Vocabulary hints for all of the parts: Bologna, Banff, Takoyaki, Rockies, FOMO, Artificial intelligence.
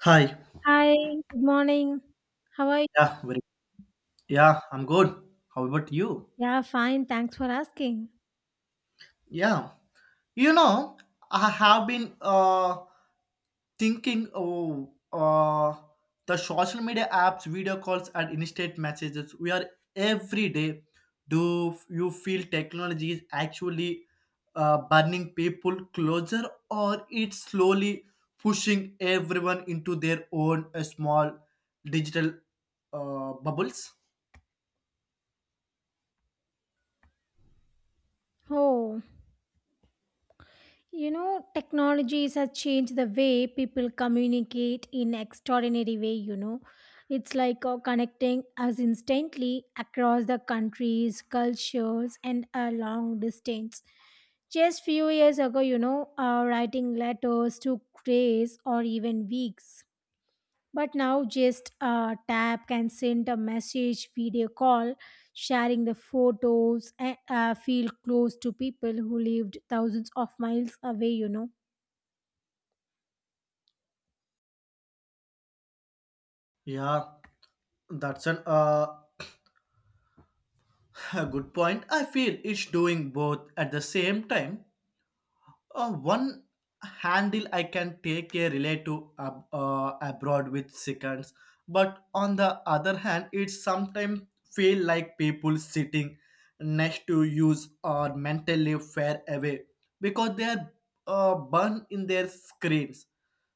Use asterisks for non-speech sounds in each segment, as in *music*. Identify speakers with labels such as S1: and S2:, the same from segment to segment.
S1: Hi.
S2: Hi, good morning. How are you?
S1: Yeah, very, yeah, I'm good. How about you?
S2: Yeah, fine. Thanks for asking.
S1: Yeah. You know, I have been thinking the social media apps, video calls and instant messages we are every day. Do you feel technology is actually burning people closer, or it's slowly pushing everyone into their own small digital bubbles?
S2: Oh, technologies has changed the way people communicate in extraordinary way. It's like connecting us instantly across the countries, cultures, and a long distance. Just few years ago, writing letters took days or even weeks. But now, just a tap can send a message, video call, sharing the photos, and feel close to people who lived thousands of miles away, you know.
S1: Yeah. That's an *laughs* a good point. I feel it's doing both at the same time. On one handle, I can take a relative abroad with seconds, but on the other hand, it sometimes feel like people sitting next to use or mentally far away because they are burned in their screens.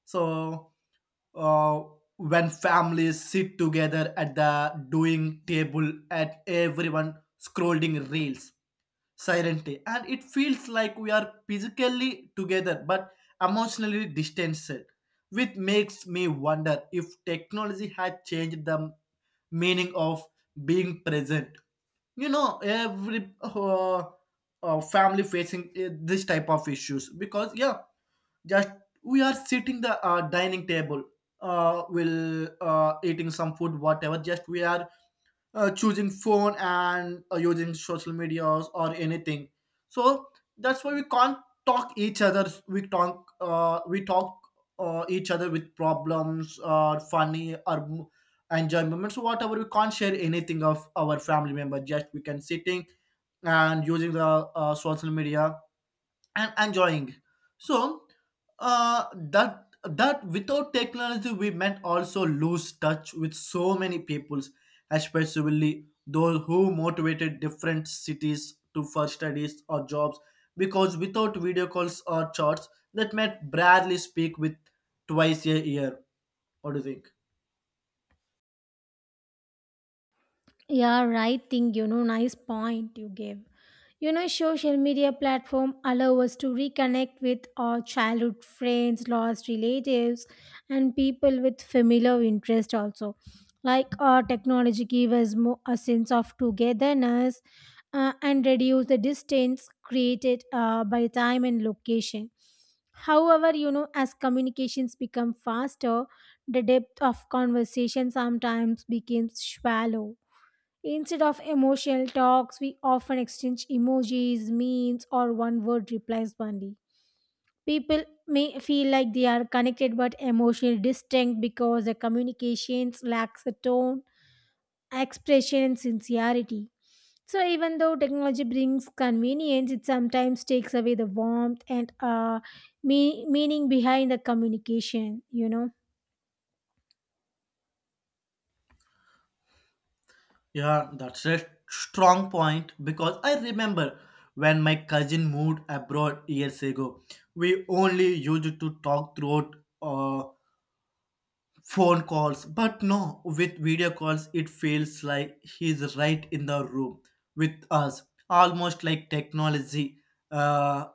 S1: So uh, when families sit together at the doing table and everyone scrolling reels silently, and it feels like we are physically together but emotionally distanced, which makes me wonder if technology had changed the meaning of being present. Every family facing this type of issues, because yeah, just we are sitting the dining table, will eating some food, whatever, just we are choosing phone and using social medias or anything. So that's why we can't talk each other, we talk each other with problems or funny or enjoyment moments, whatever, we can't share anything of our family member, just we can sitting and using the social media and enjoying. So that without technology, we might also lose touch with so many peoples, especially those who motivated different cities to for studies or jobs, because without video calls or chats, that might barely speak with twice a year. What do you think?
S2: Yeah, right thing, you know, nice point you gave. You know, social media platform allow us to reconnect with our childhood friends, lost relatives, and people with familiar interest also. Like our technology give us more a sense of togetherness and reduce the distance created by time and location. However, you know, as communications become faster, the depth of conversation sometimes becomes shallow. Instead of emotional talks, we often exchange emojis, memes, or one word replies only. People may feel like they are connected but emotionally distinct because their communications lacks a tone, expression, and sincerity. So, even though technology brings convenience, it sometimes takes away the warmth and meaning behind the communication, you know.
S1: Yeah, that's a strong point because I remember when my cousin moved abroad years ago, we only used to talk throughout uh, phone calls, but no, with video calls it feels like he's right in the room with us, almost like technology uh,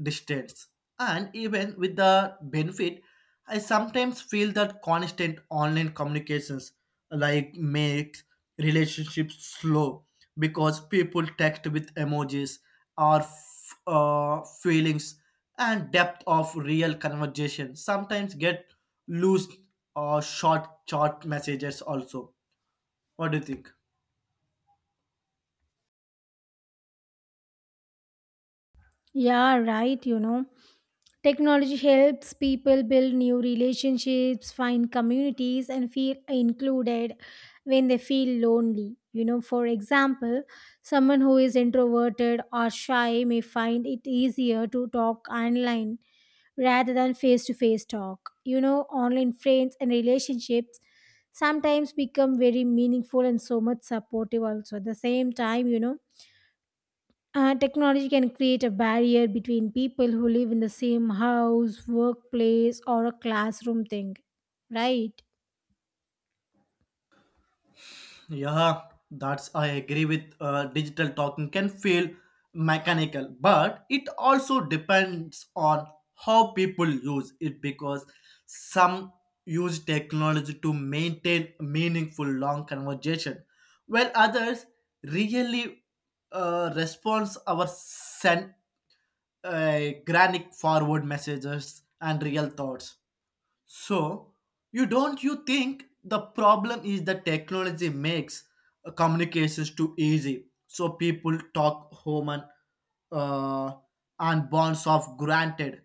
S1: distance. And even with the benefit, I sometimes feel that constant online communications like makes relationships slow, because people text with emojis or feelings, and depth of real conversation sometimes get loose or short messages also. What do you think?
S2: Yeah, right, you know. Technology helps people build new relationships, find communities, and feel included when they feel lonely. You know, for example, someone who is introverted or shy may find it easier to talk online rather than face to face talk. You know, online friends and relationships sometimes become very meaningful and so much supportive also. At the same time, technology can create a barrier between people who live in the same house, workplace, or a classroom thing. Right?
S1: Yeah, that's I agree with. Digital talking can feel mechanical, but it also depends on how people use it, because some use technology to maintain meaningful long conversation, while others really responds our send granic forward messages and real thoughts. So, you don't you think the problem is the technology makes communications too easy? So people talk human uh, and bonds of granted.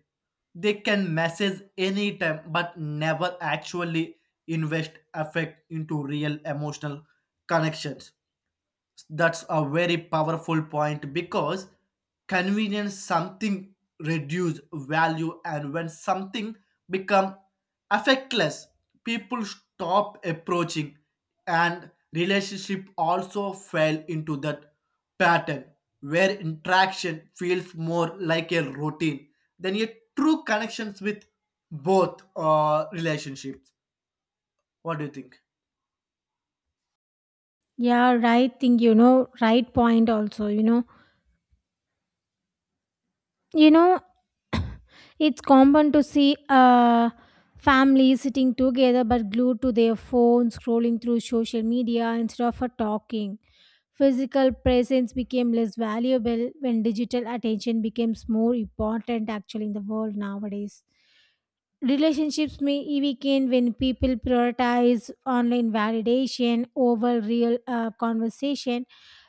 S1: They can message anytime, but never actually invest effect into real emotional connections. That's a very powerful point because convenience something reduce value, and when something become affectless, people stop approaching and relationship also fell into that pattern where interaction feels more like a routine than a true connections with both relationships. What do you think?
S2: Yeah, right thing, you know, right point also, you know. You know, it's common to see families sitting together but glued to their phones, scrolling through social media instead of talking. Physical presence became less valuable when digital attention becomes more important actually in the world nowadays. Relationships may e weaken when people prioritize online validation over real conversation.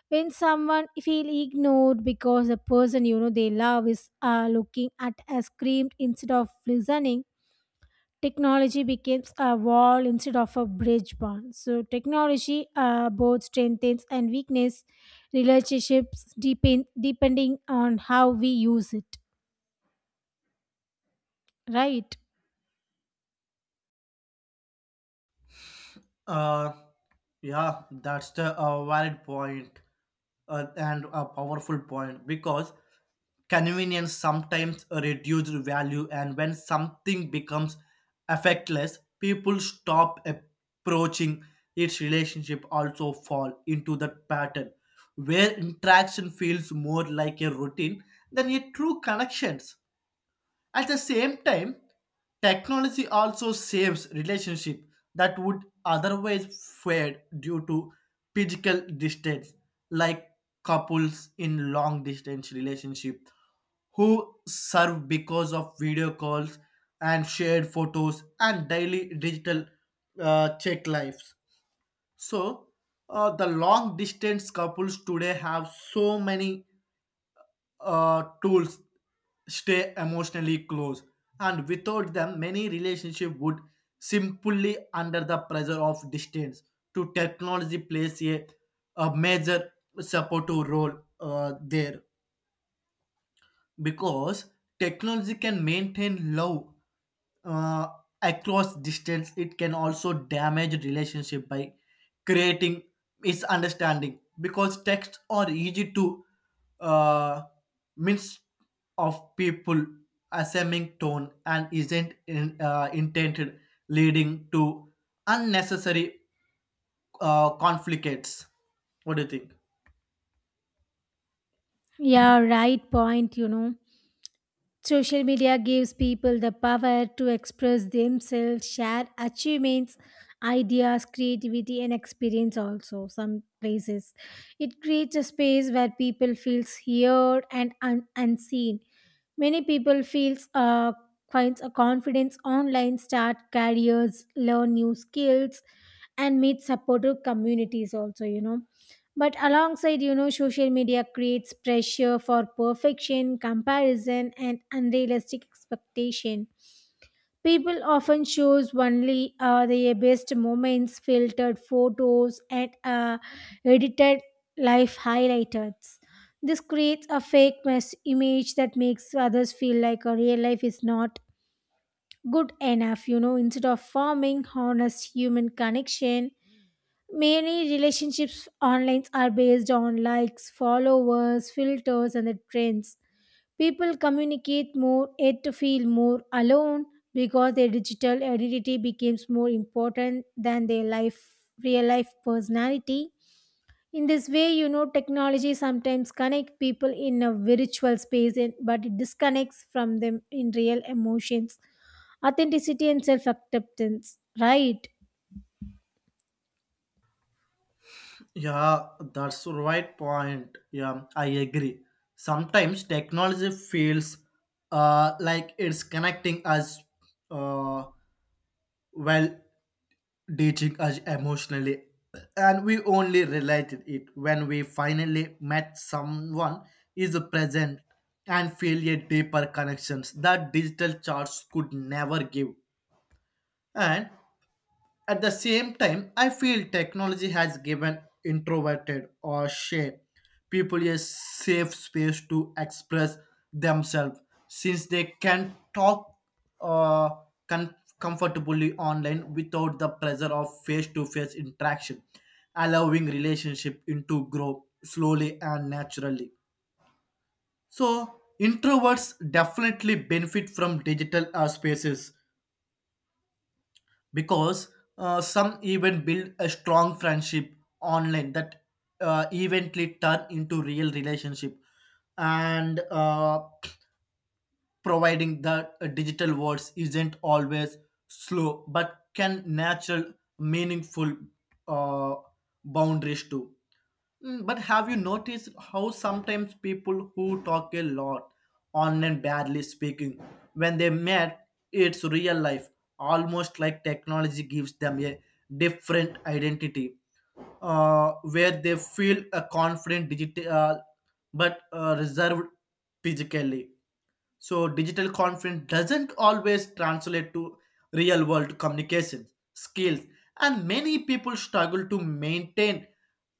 S2: When someone feel ignored because the person you know they love is looking at a screen instead of listening, technology becomes a wall instead of a bridge bond. So technology both strengthens and weakness relationships depending on how we use it. Right?
S1: Uh, yeah, that's the valid point and a powerful point because convenience sometimes reduces value, and when something becomes affectless, people stop approaching its relationship. Also, fall into that pattern where interaction feels more like a routine than a true connections. At the same time, technology also saves relationship that would otherwise fade due to physical distance, like couples in long distance relationship who serve because of video calls and shared photos and daily digital check lives. So, the long distance couples today have so many tools stay emotionally close, and without them many relationships would simply under the pressure of distance to technology plays a major supportive role there. Because technology can maintain love uh, across distance, it can also damage relationship by creating misunderstanding because texts are easy to uh, mix of people assuming tone and isn't intended, leading to unnecessary conflicts. What do you think?
S2: Yeah, right point. You know. Social media gives people the power to express themselves, share achievements, ideas, creativity, and experience also. Some places it creates a space where people feels heard and unseen. Many people feels finds a confidence online, start careers, learn new skills, and meet supportive communities also. You know, but alongside, you know, social media creates pressure for perfection, comparison, and unrealistic expectation. People often shows only their best moments, filtered photos, and edited life highlights. This creates a fake mess image that makes others feel like a real life is not good enough, you know, instead of forming honest human connection. Many relationships online are based on likes, followers, filters, and the trends. People communicate more yet to feel more alone because their digital identity becomes more important than their life real life personality. In this way, you know, technology sometimes connects people in a virtual space, and- but it disconnects from them in real emotions, authenticity, and self acceptance. Right?
S1: Yeah, that's the right point. Yeah, I agree. Sometimes technology feels like it's connecting us uh, while teaching us emotionally. And we only related it when we finally met someone is present and feel a deeper connections that digital charts could never give. And at the same time, I feel technology has given introverted or shy people a safe space to express themselves since they can talk uh, comfortably online without the pressure of face to face interaction, allowing relationship into grow slowly and naturally. So introverts definitely benefit from digital spaces because some even build a strong friendship online that eventually turn into real relationship, and providing that digital words isn't always slow but can natural meaningful uh, boundaries too. But have you noticed how sometimes people who talk a lot online badly speaking, when they met, it's real life, almost like technology gives them a different identity, where they feel a confident digital but reserved physically. So digital confidence doesn't always translate to real world communication skills, and many people struggle to maintain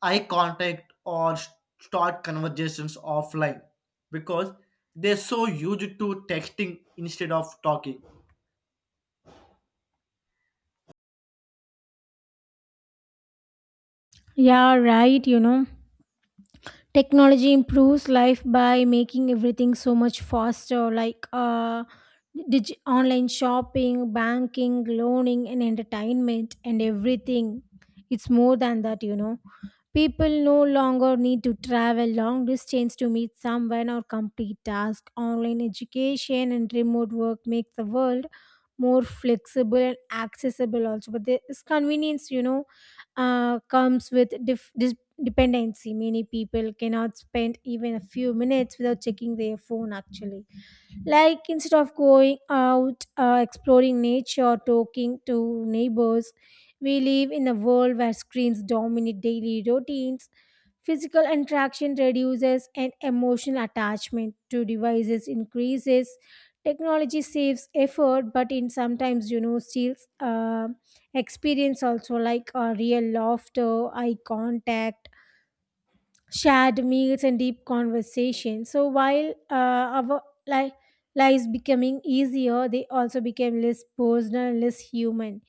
S1: eye contact or start conversations offline because they're so used to texting instead of talking.
S2: Yeah, right. You know. Technology improves life by making everything so much faster, like online shopping, banking, loaning, and entertainment and everything. It's more than that, you know. People no longer need to travel long distance to meet someone or complete tasks. Online education and remote work make the world more flexible and accessible also, but this convenience, you know, comes with dependency. Many people cannot spend even a few minutes without checking their phone, actually. Like, instead of going out, exploring nature, or talking to neighbors, we live in a world where screens dominate daily routines. Physical interaction reduces and emotional attachment to devices increases. Technology saves effort, but in sometimes, you know, steals experience also, like real laughter, eye contact, shared meals and deep conversation. So while our li- lives becoming easier, they also became less personal, and less human.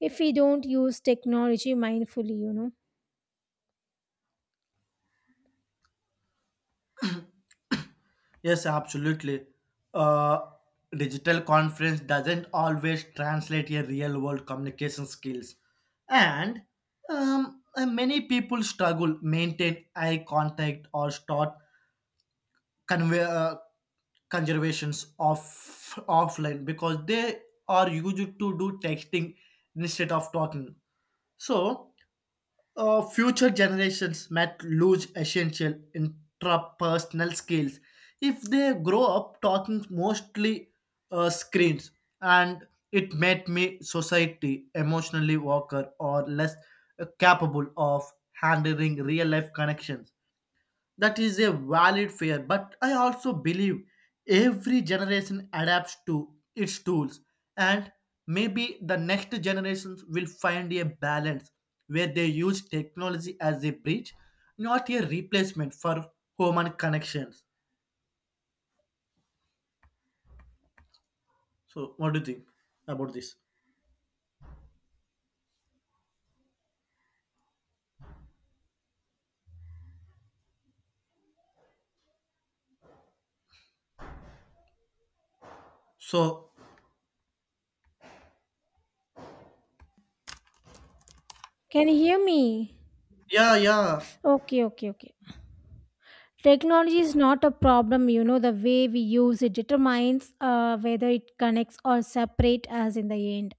S2: If we don't use technology mindfully, you know.
S1: Yes, absolutely. Uh, Digital conference doesn't always translate a real world communication skills, and many people struggle maintain eye contact or start convey conservations offline because they are used to do texting instead of talking. So future generations might lose essential intrapersonal skills if they grow up talking mostly screens, and it made me society emotionally weaker or less capable of handling real life connections. That is a valid fear, but I also believe every generation adapts to its tools, and maybe the next generations will find a balance where they use technology as a bridge, not a replacement for human connections. So, what do you think about this? So,
S2: Can you hear me?
S1: yeah, yeah,
S2: Okay, okay, okay. Technology is not a problem, you know. The way we use it determines whether it connects or separate us in the end.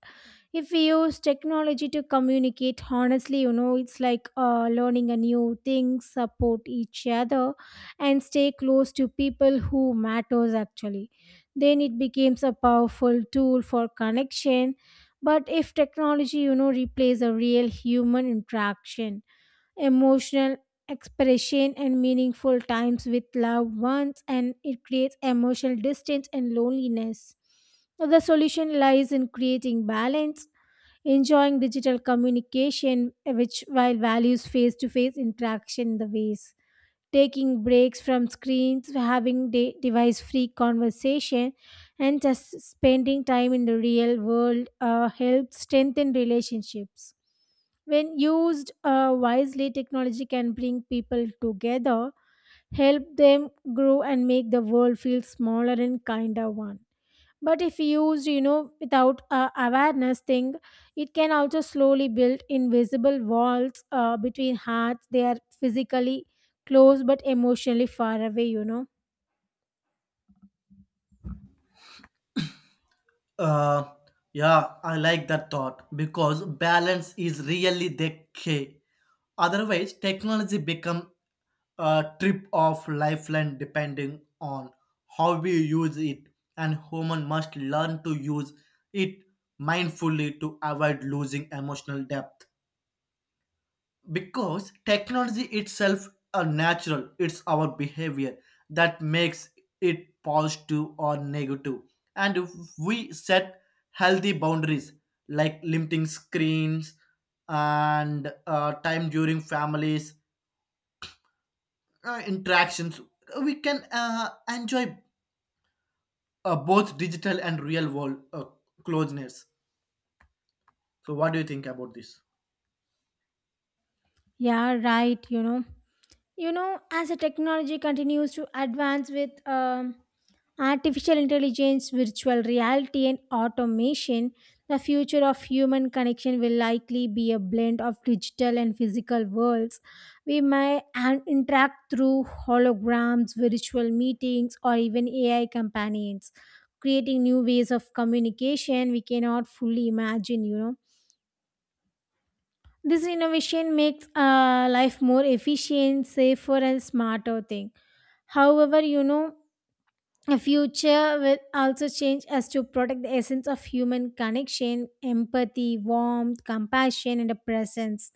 S2: If we use technology to communicate honestly, you know, it's like learning a new thing, support each other and stay close to people who matters actually, then it becomes a powerful tool for connection. But if technology, you know, replaces a real human interaction, emotional expression and meaningful times with loved ones, and it creates emotional distance and loneliness. The solution lies in creating balance, enjoying digital communication which while values face-to-face interaction in the ways, taking breaks from screens, having device-free conversation and just spending time in the real world, helps strengthen relationships. When used wisely, technology can bring people together, help them grow and make the world feel smaller and kinder one. But if used, you know, without awareness thing, it can also slowly build invisible walls between hearts. They are physically close but emotionally far away, you know.
S1: uh, yeah, I like that thought because balance is really the key. Otherwise, technology become a trip of lifeline depending on how we use it, and human must learn to use it mindfully to avoid losing emotional depth, because technology itself are natural, it's our behavior that makes it positive or negative. And if we set healthy boundaries, like limiting screens and time during families interactions, we can enjoy both digital and real world closeness. So, what do you think about this?
S2: Yeah, right, you know. As the technology continues to advance with artificial intelligence, virtual reality, and automation, the future of human connection will likely be a blend of digital and physical worlds. We may interact through holograms, virtual meetings, or even AI companions, creating new ways of communication we cannot fully imagine, you know. This innovation makes life more efficient, safer, and smarter thing. However, you know, the future will also change as to protect the essence of human connection, empathy, warmth, compassion, and a presence.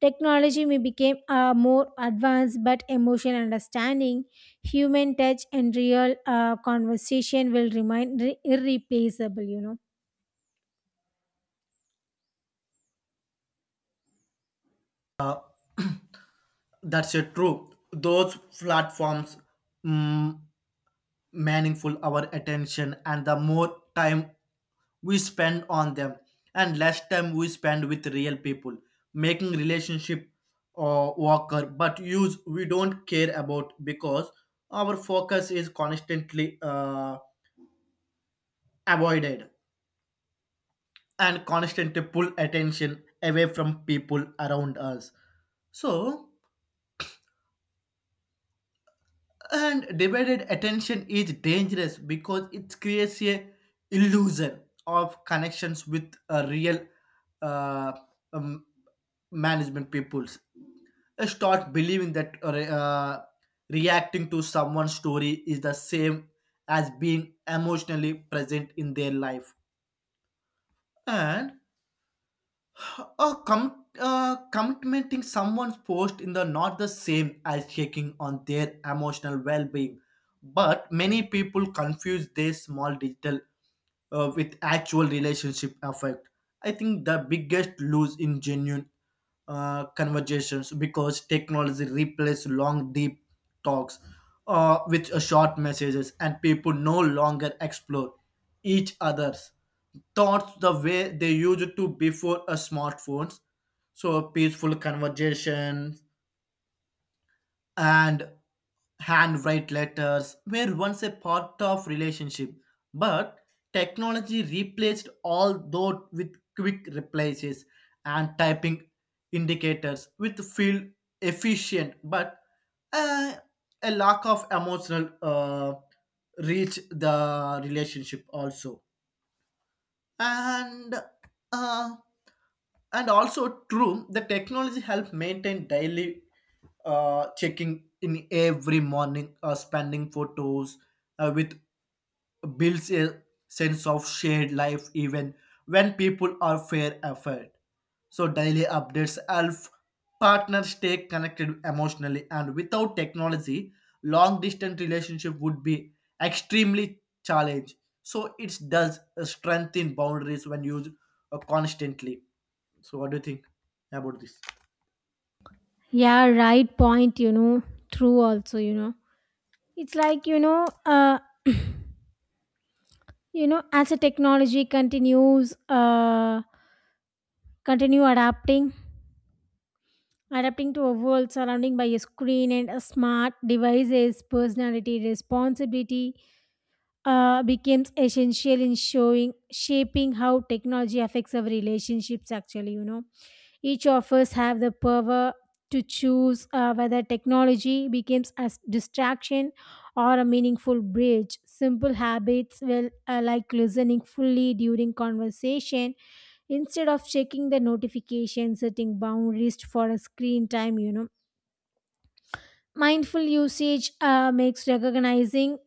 S2: Technology may become more advanced, but emotional understanding, human touch, and real conversation will remain irreplaceable. You know.
S1: That's a true. Those platforms mm, meaningful our attention, and the more time we spend on them, and less time we spend with real people, making relationship or worker. But use we don't care about because our focus is constantly avoided and constantly pull attention away from people around us. So, and divided attention is dangerous because it creates a illusion of connections with a real uh, um, management peoples. I start believing that reacting to someone's story is the same as being emotionally present in their life. And oh, commenting someone's post in the not the same as checking on their emotional well-being, but many people confuse their small digital with actual relationship effect. I think the biggest lose in genuine conversations because technology replaced long deep talks with short messages, and people no longer explore each other's thoughts the way they used to before smartphones. So peaceful conversation and handwrite letters were once a part of relationship, but technology replaced all those with quick replies and typing indicators which feel efficient, but uh, a lack of emotional reach the relationship also. And uh, also true the technology help maintain daily checking in every morning spending photos with builds a sense of shared life even when people are fair effort. So daily updates help partners stay connected emotionally, and without technology, long distance relationship would be extremely challenged. So it does strengthen boundaries when used constantly. So what do you think about this?
S2: Yeah, right point. You know, true. Also, you know, it's like as a technology continue adapting. Adapting to a world surrounding by a screen and a smart devices, personality responsibility becomes essential in showing shaping how technology affects our relationships. Actually, you know, each of us have the power to choose whether technology becomes a distraction or a meaningful bridge. Simple habits will like listening fully during conversation instead of checking the notification, setting boundaries for a screen time, you know. Mindful usage makes recognizing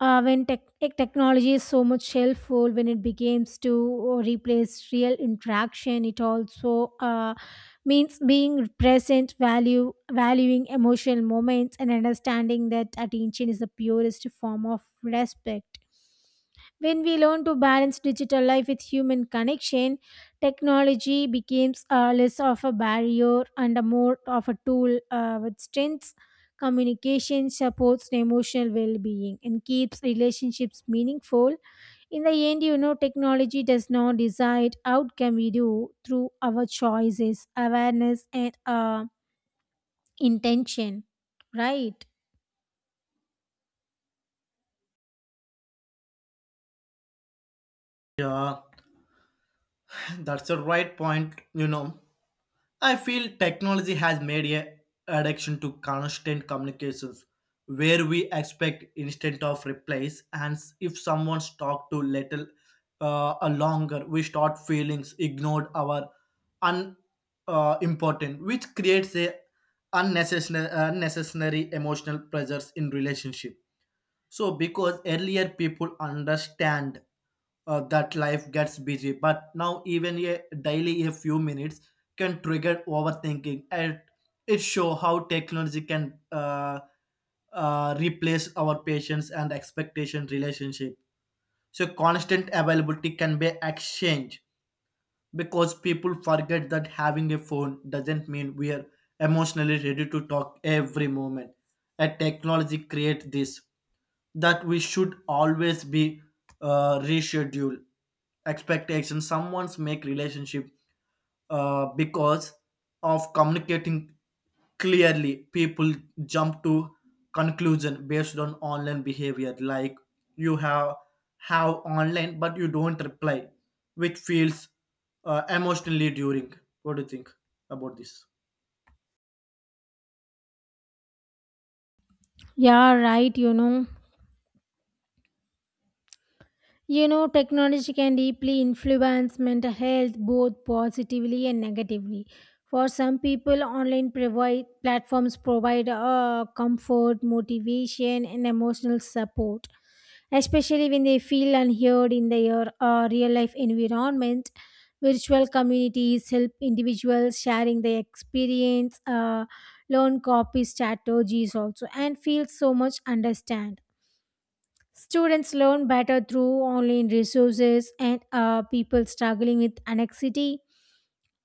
S2: when technology is so much helpful, when it begins to replace real interaction. It also means being present, value valuing emotional moments, and understanding that attention is the purest form of respect. When we learn to balance digital life with human connection, technology becomes less of a barrier and a more of a tool with strengths. Communication supports the emotional well being and keeps relationships meaningful. In the end, you know, technology does not decide outcome, we do through our choices, awareness, and intention. Right?
S1: Yeah, *coughs* *clears throat* that's a right point. I feel technology has made a addiction to constant communications where we expect instant of replies and if someone's talked to little a longer, we start feelings ignored our un important, which creates a unnecessary emotional pressures in relationship. So, because earlier people understand that life gets busy, but now even a daily a few minutes can trigger overthinking, and it show how technology can replace our patience and expectation relationship. So, constant availability can be exchange because people forget that having a phone doesn't mean we are emotionally ready to talk every moment. A technology creates this that we should always be reschedule expectations. Someone's make relationship because of communicating clearly, people jump to conclusion based on online behavior, like you have online but you don't reply, which feels emotionally during. What do you think about this?
S2: Yeah, right, you know. You know, technology can deeply influence mental health both positively and negatively. For some people, online platforms provide comfort, motivation, and emotional support, especially when they feel unheard in their real life environment. Virtual communities help individuals sharing their experience, learn copy strategies also, and feel so much understand. Students learn better through online resources, and people struggling with anxiety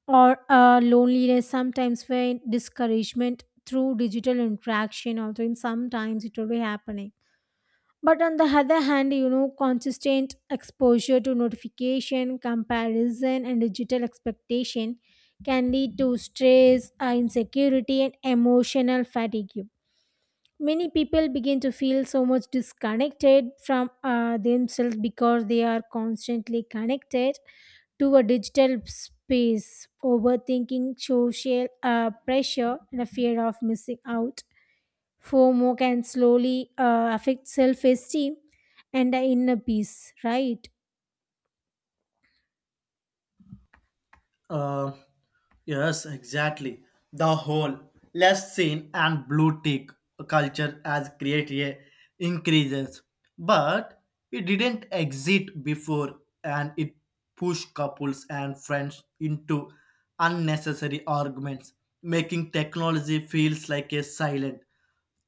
S2: or loneliness sometimes find discouragement through digital interaction, although in sometimes it will be happening. But on the other hand, you know, consistent exposure to notification, comparison, and digital expectation can lead to stress, insecurity, and emotional fatigue. Many people begin to feel so much disconnected from themselves because they are constantly connected to a digital space. Overthinking, social pressure, and a fear of missing out. FOMO can slowly affect self esteem and the inner peace, right?
S1: uh, Yes, exactly. The whole less seen and blue tick culture has created a increases, but it didn't exist before, and it pushed couples and friends into unnecessary arguments, making technology feels like a silent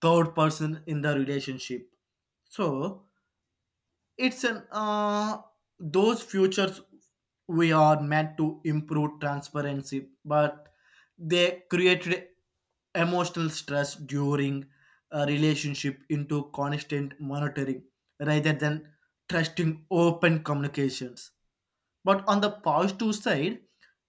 S1: third person in the relationship. So it's an those futures we are meant to improve transparency, but they created emotional stress during a relationship into constant monitoring rather than trusting open communications. But on the positive side,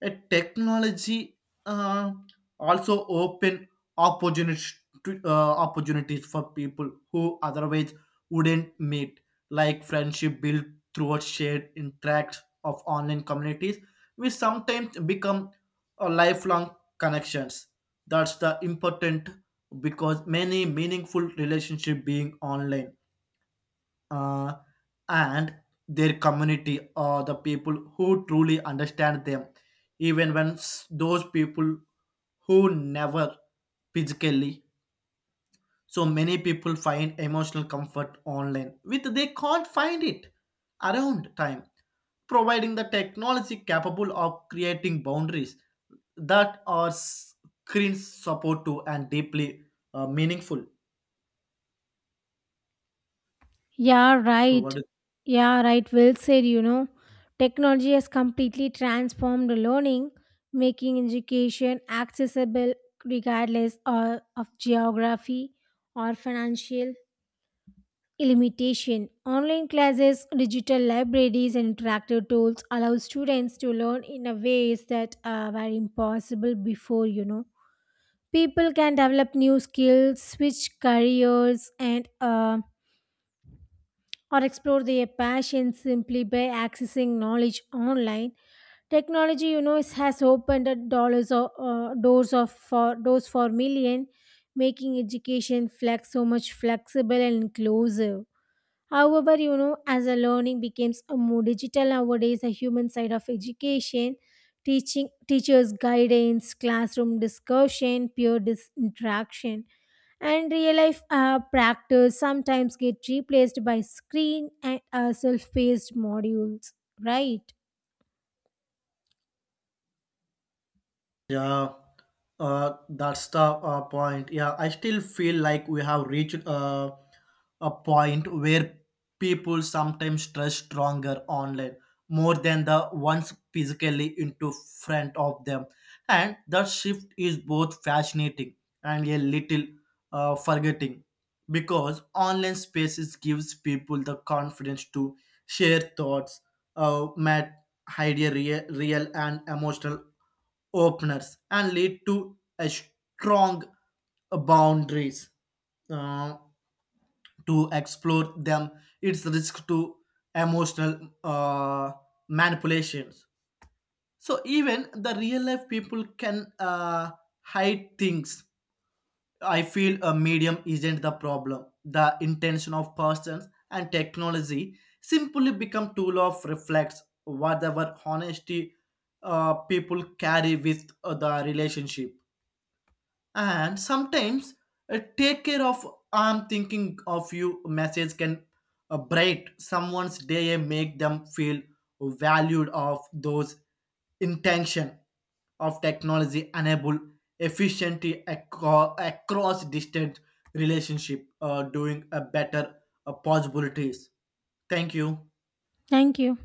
S1: a technology uh, also open opportunities to, uh, opportunities for people who otherwise wouldn't meet, like friendship built through a shared interact of online communities, which sometimes become lifelong connections. That's the important because many meaningful relationship being online, uh, and their community or the people who truly understand them, even when those people who never physically. So many people find emotional comfort online, with they can't find it around time, providing the technology capable of creating boundaries that are screen supportive and deeply meaningful.
S2: Yeah,
S1: So
S2: right.
S1: what is?
S2: Yeah, right. Well said, you know. Technology has completely transformed learning, making education accessible regardless of geography or financial limitation. Online classes, digital libraries, and interactive tools allow students to learn in a ways that were impossible before, you know. People can develop new skills, switch careers, and or explore their passion simply by accessing knowledge online. Technology, you know, has opened the dollars or doors of for doors for million, making education flex so much flexible and inclusive. However, you know, as a learning becomes a more digital nowadays, the human side of education, teaching teachers' guidance, classroom discussion, peer interaction, and real life practice sometimes get replaced by screen and self-paced modules. Right.
S1: Yeah, that's the point. Yeah, I still feel like we have reached a point where people sometimes trust stronger online more than the ones physically into front of them, and that shift is both fascinating and a little forgetting, because online spaces gives people the confidence to share thoughts, hide a real and emotional openers, and lead to a strong boundaries uh, to explore them, its risk to emotional manipulations. So even the real life people can hide things. I feel a medium isn't the problem, the intention of persons and technology simply become tool of reflects whatever honesty people carry with the relationship, and sometimes take care of. I'm thinking of you message can bright someone's day and make them feel valued of those intention of technology enable efficiency across distant relationship doing a better possibilities. Thank you.
S2: Thank you.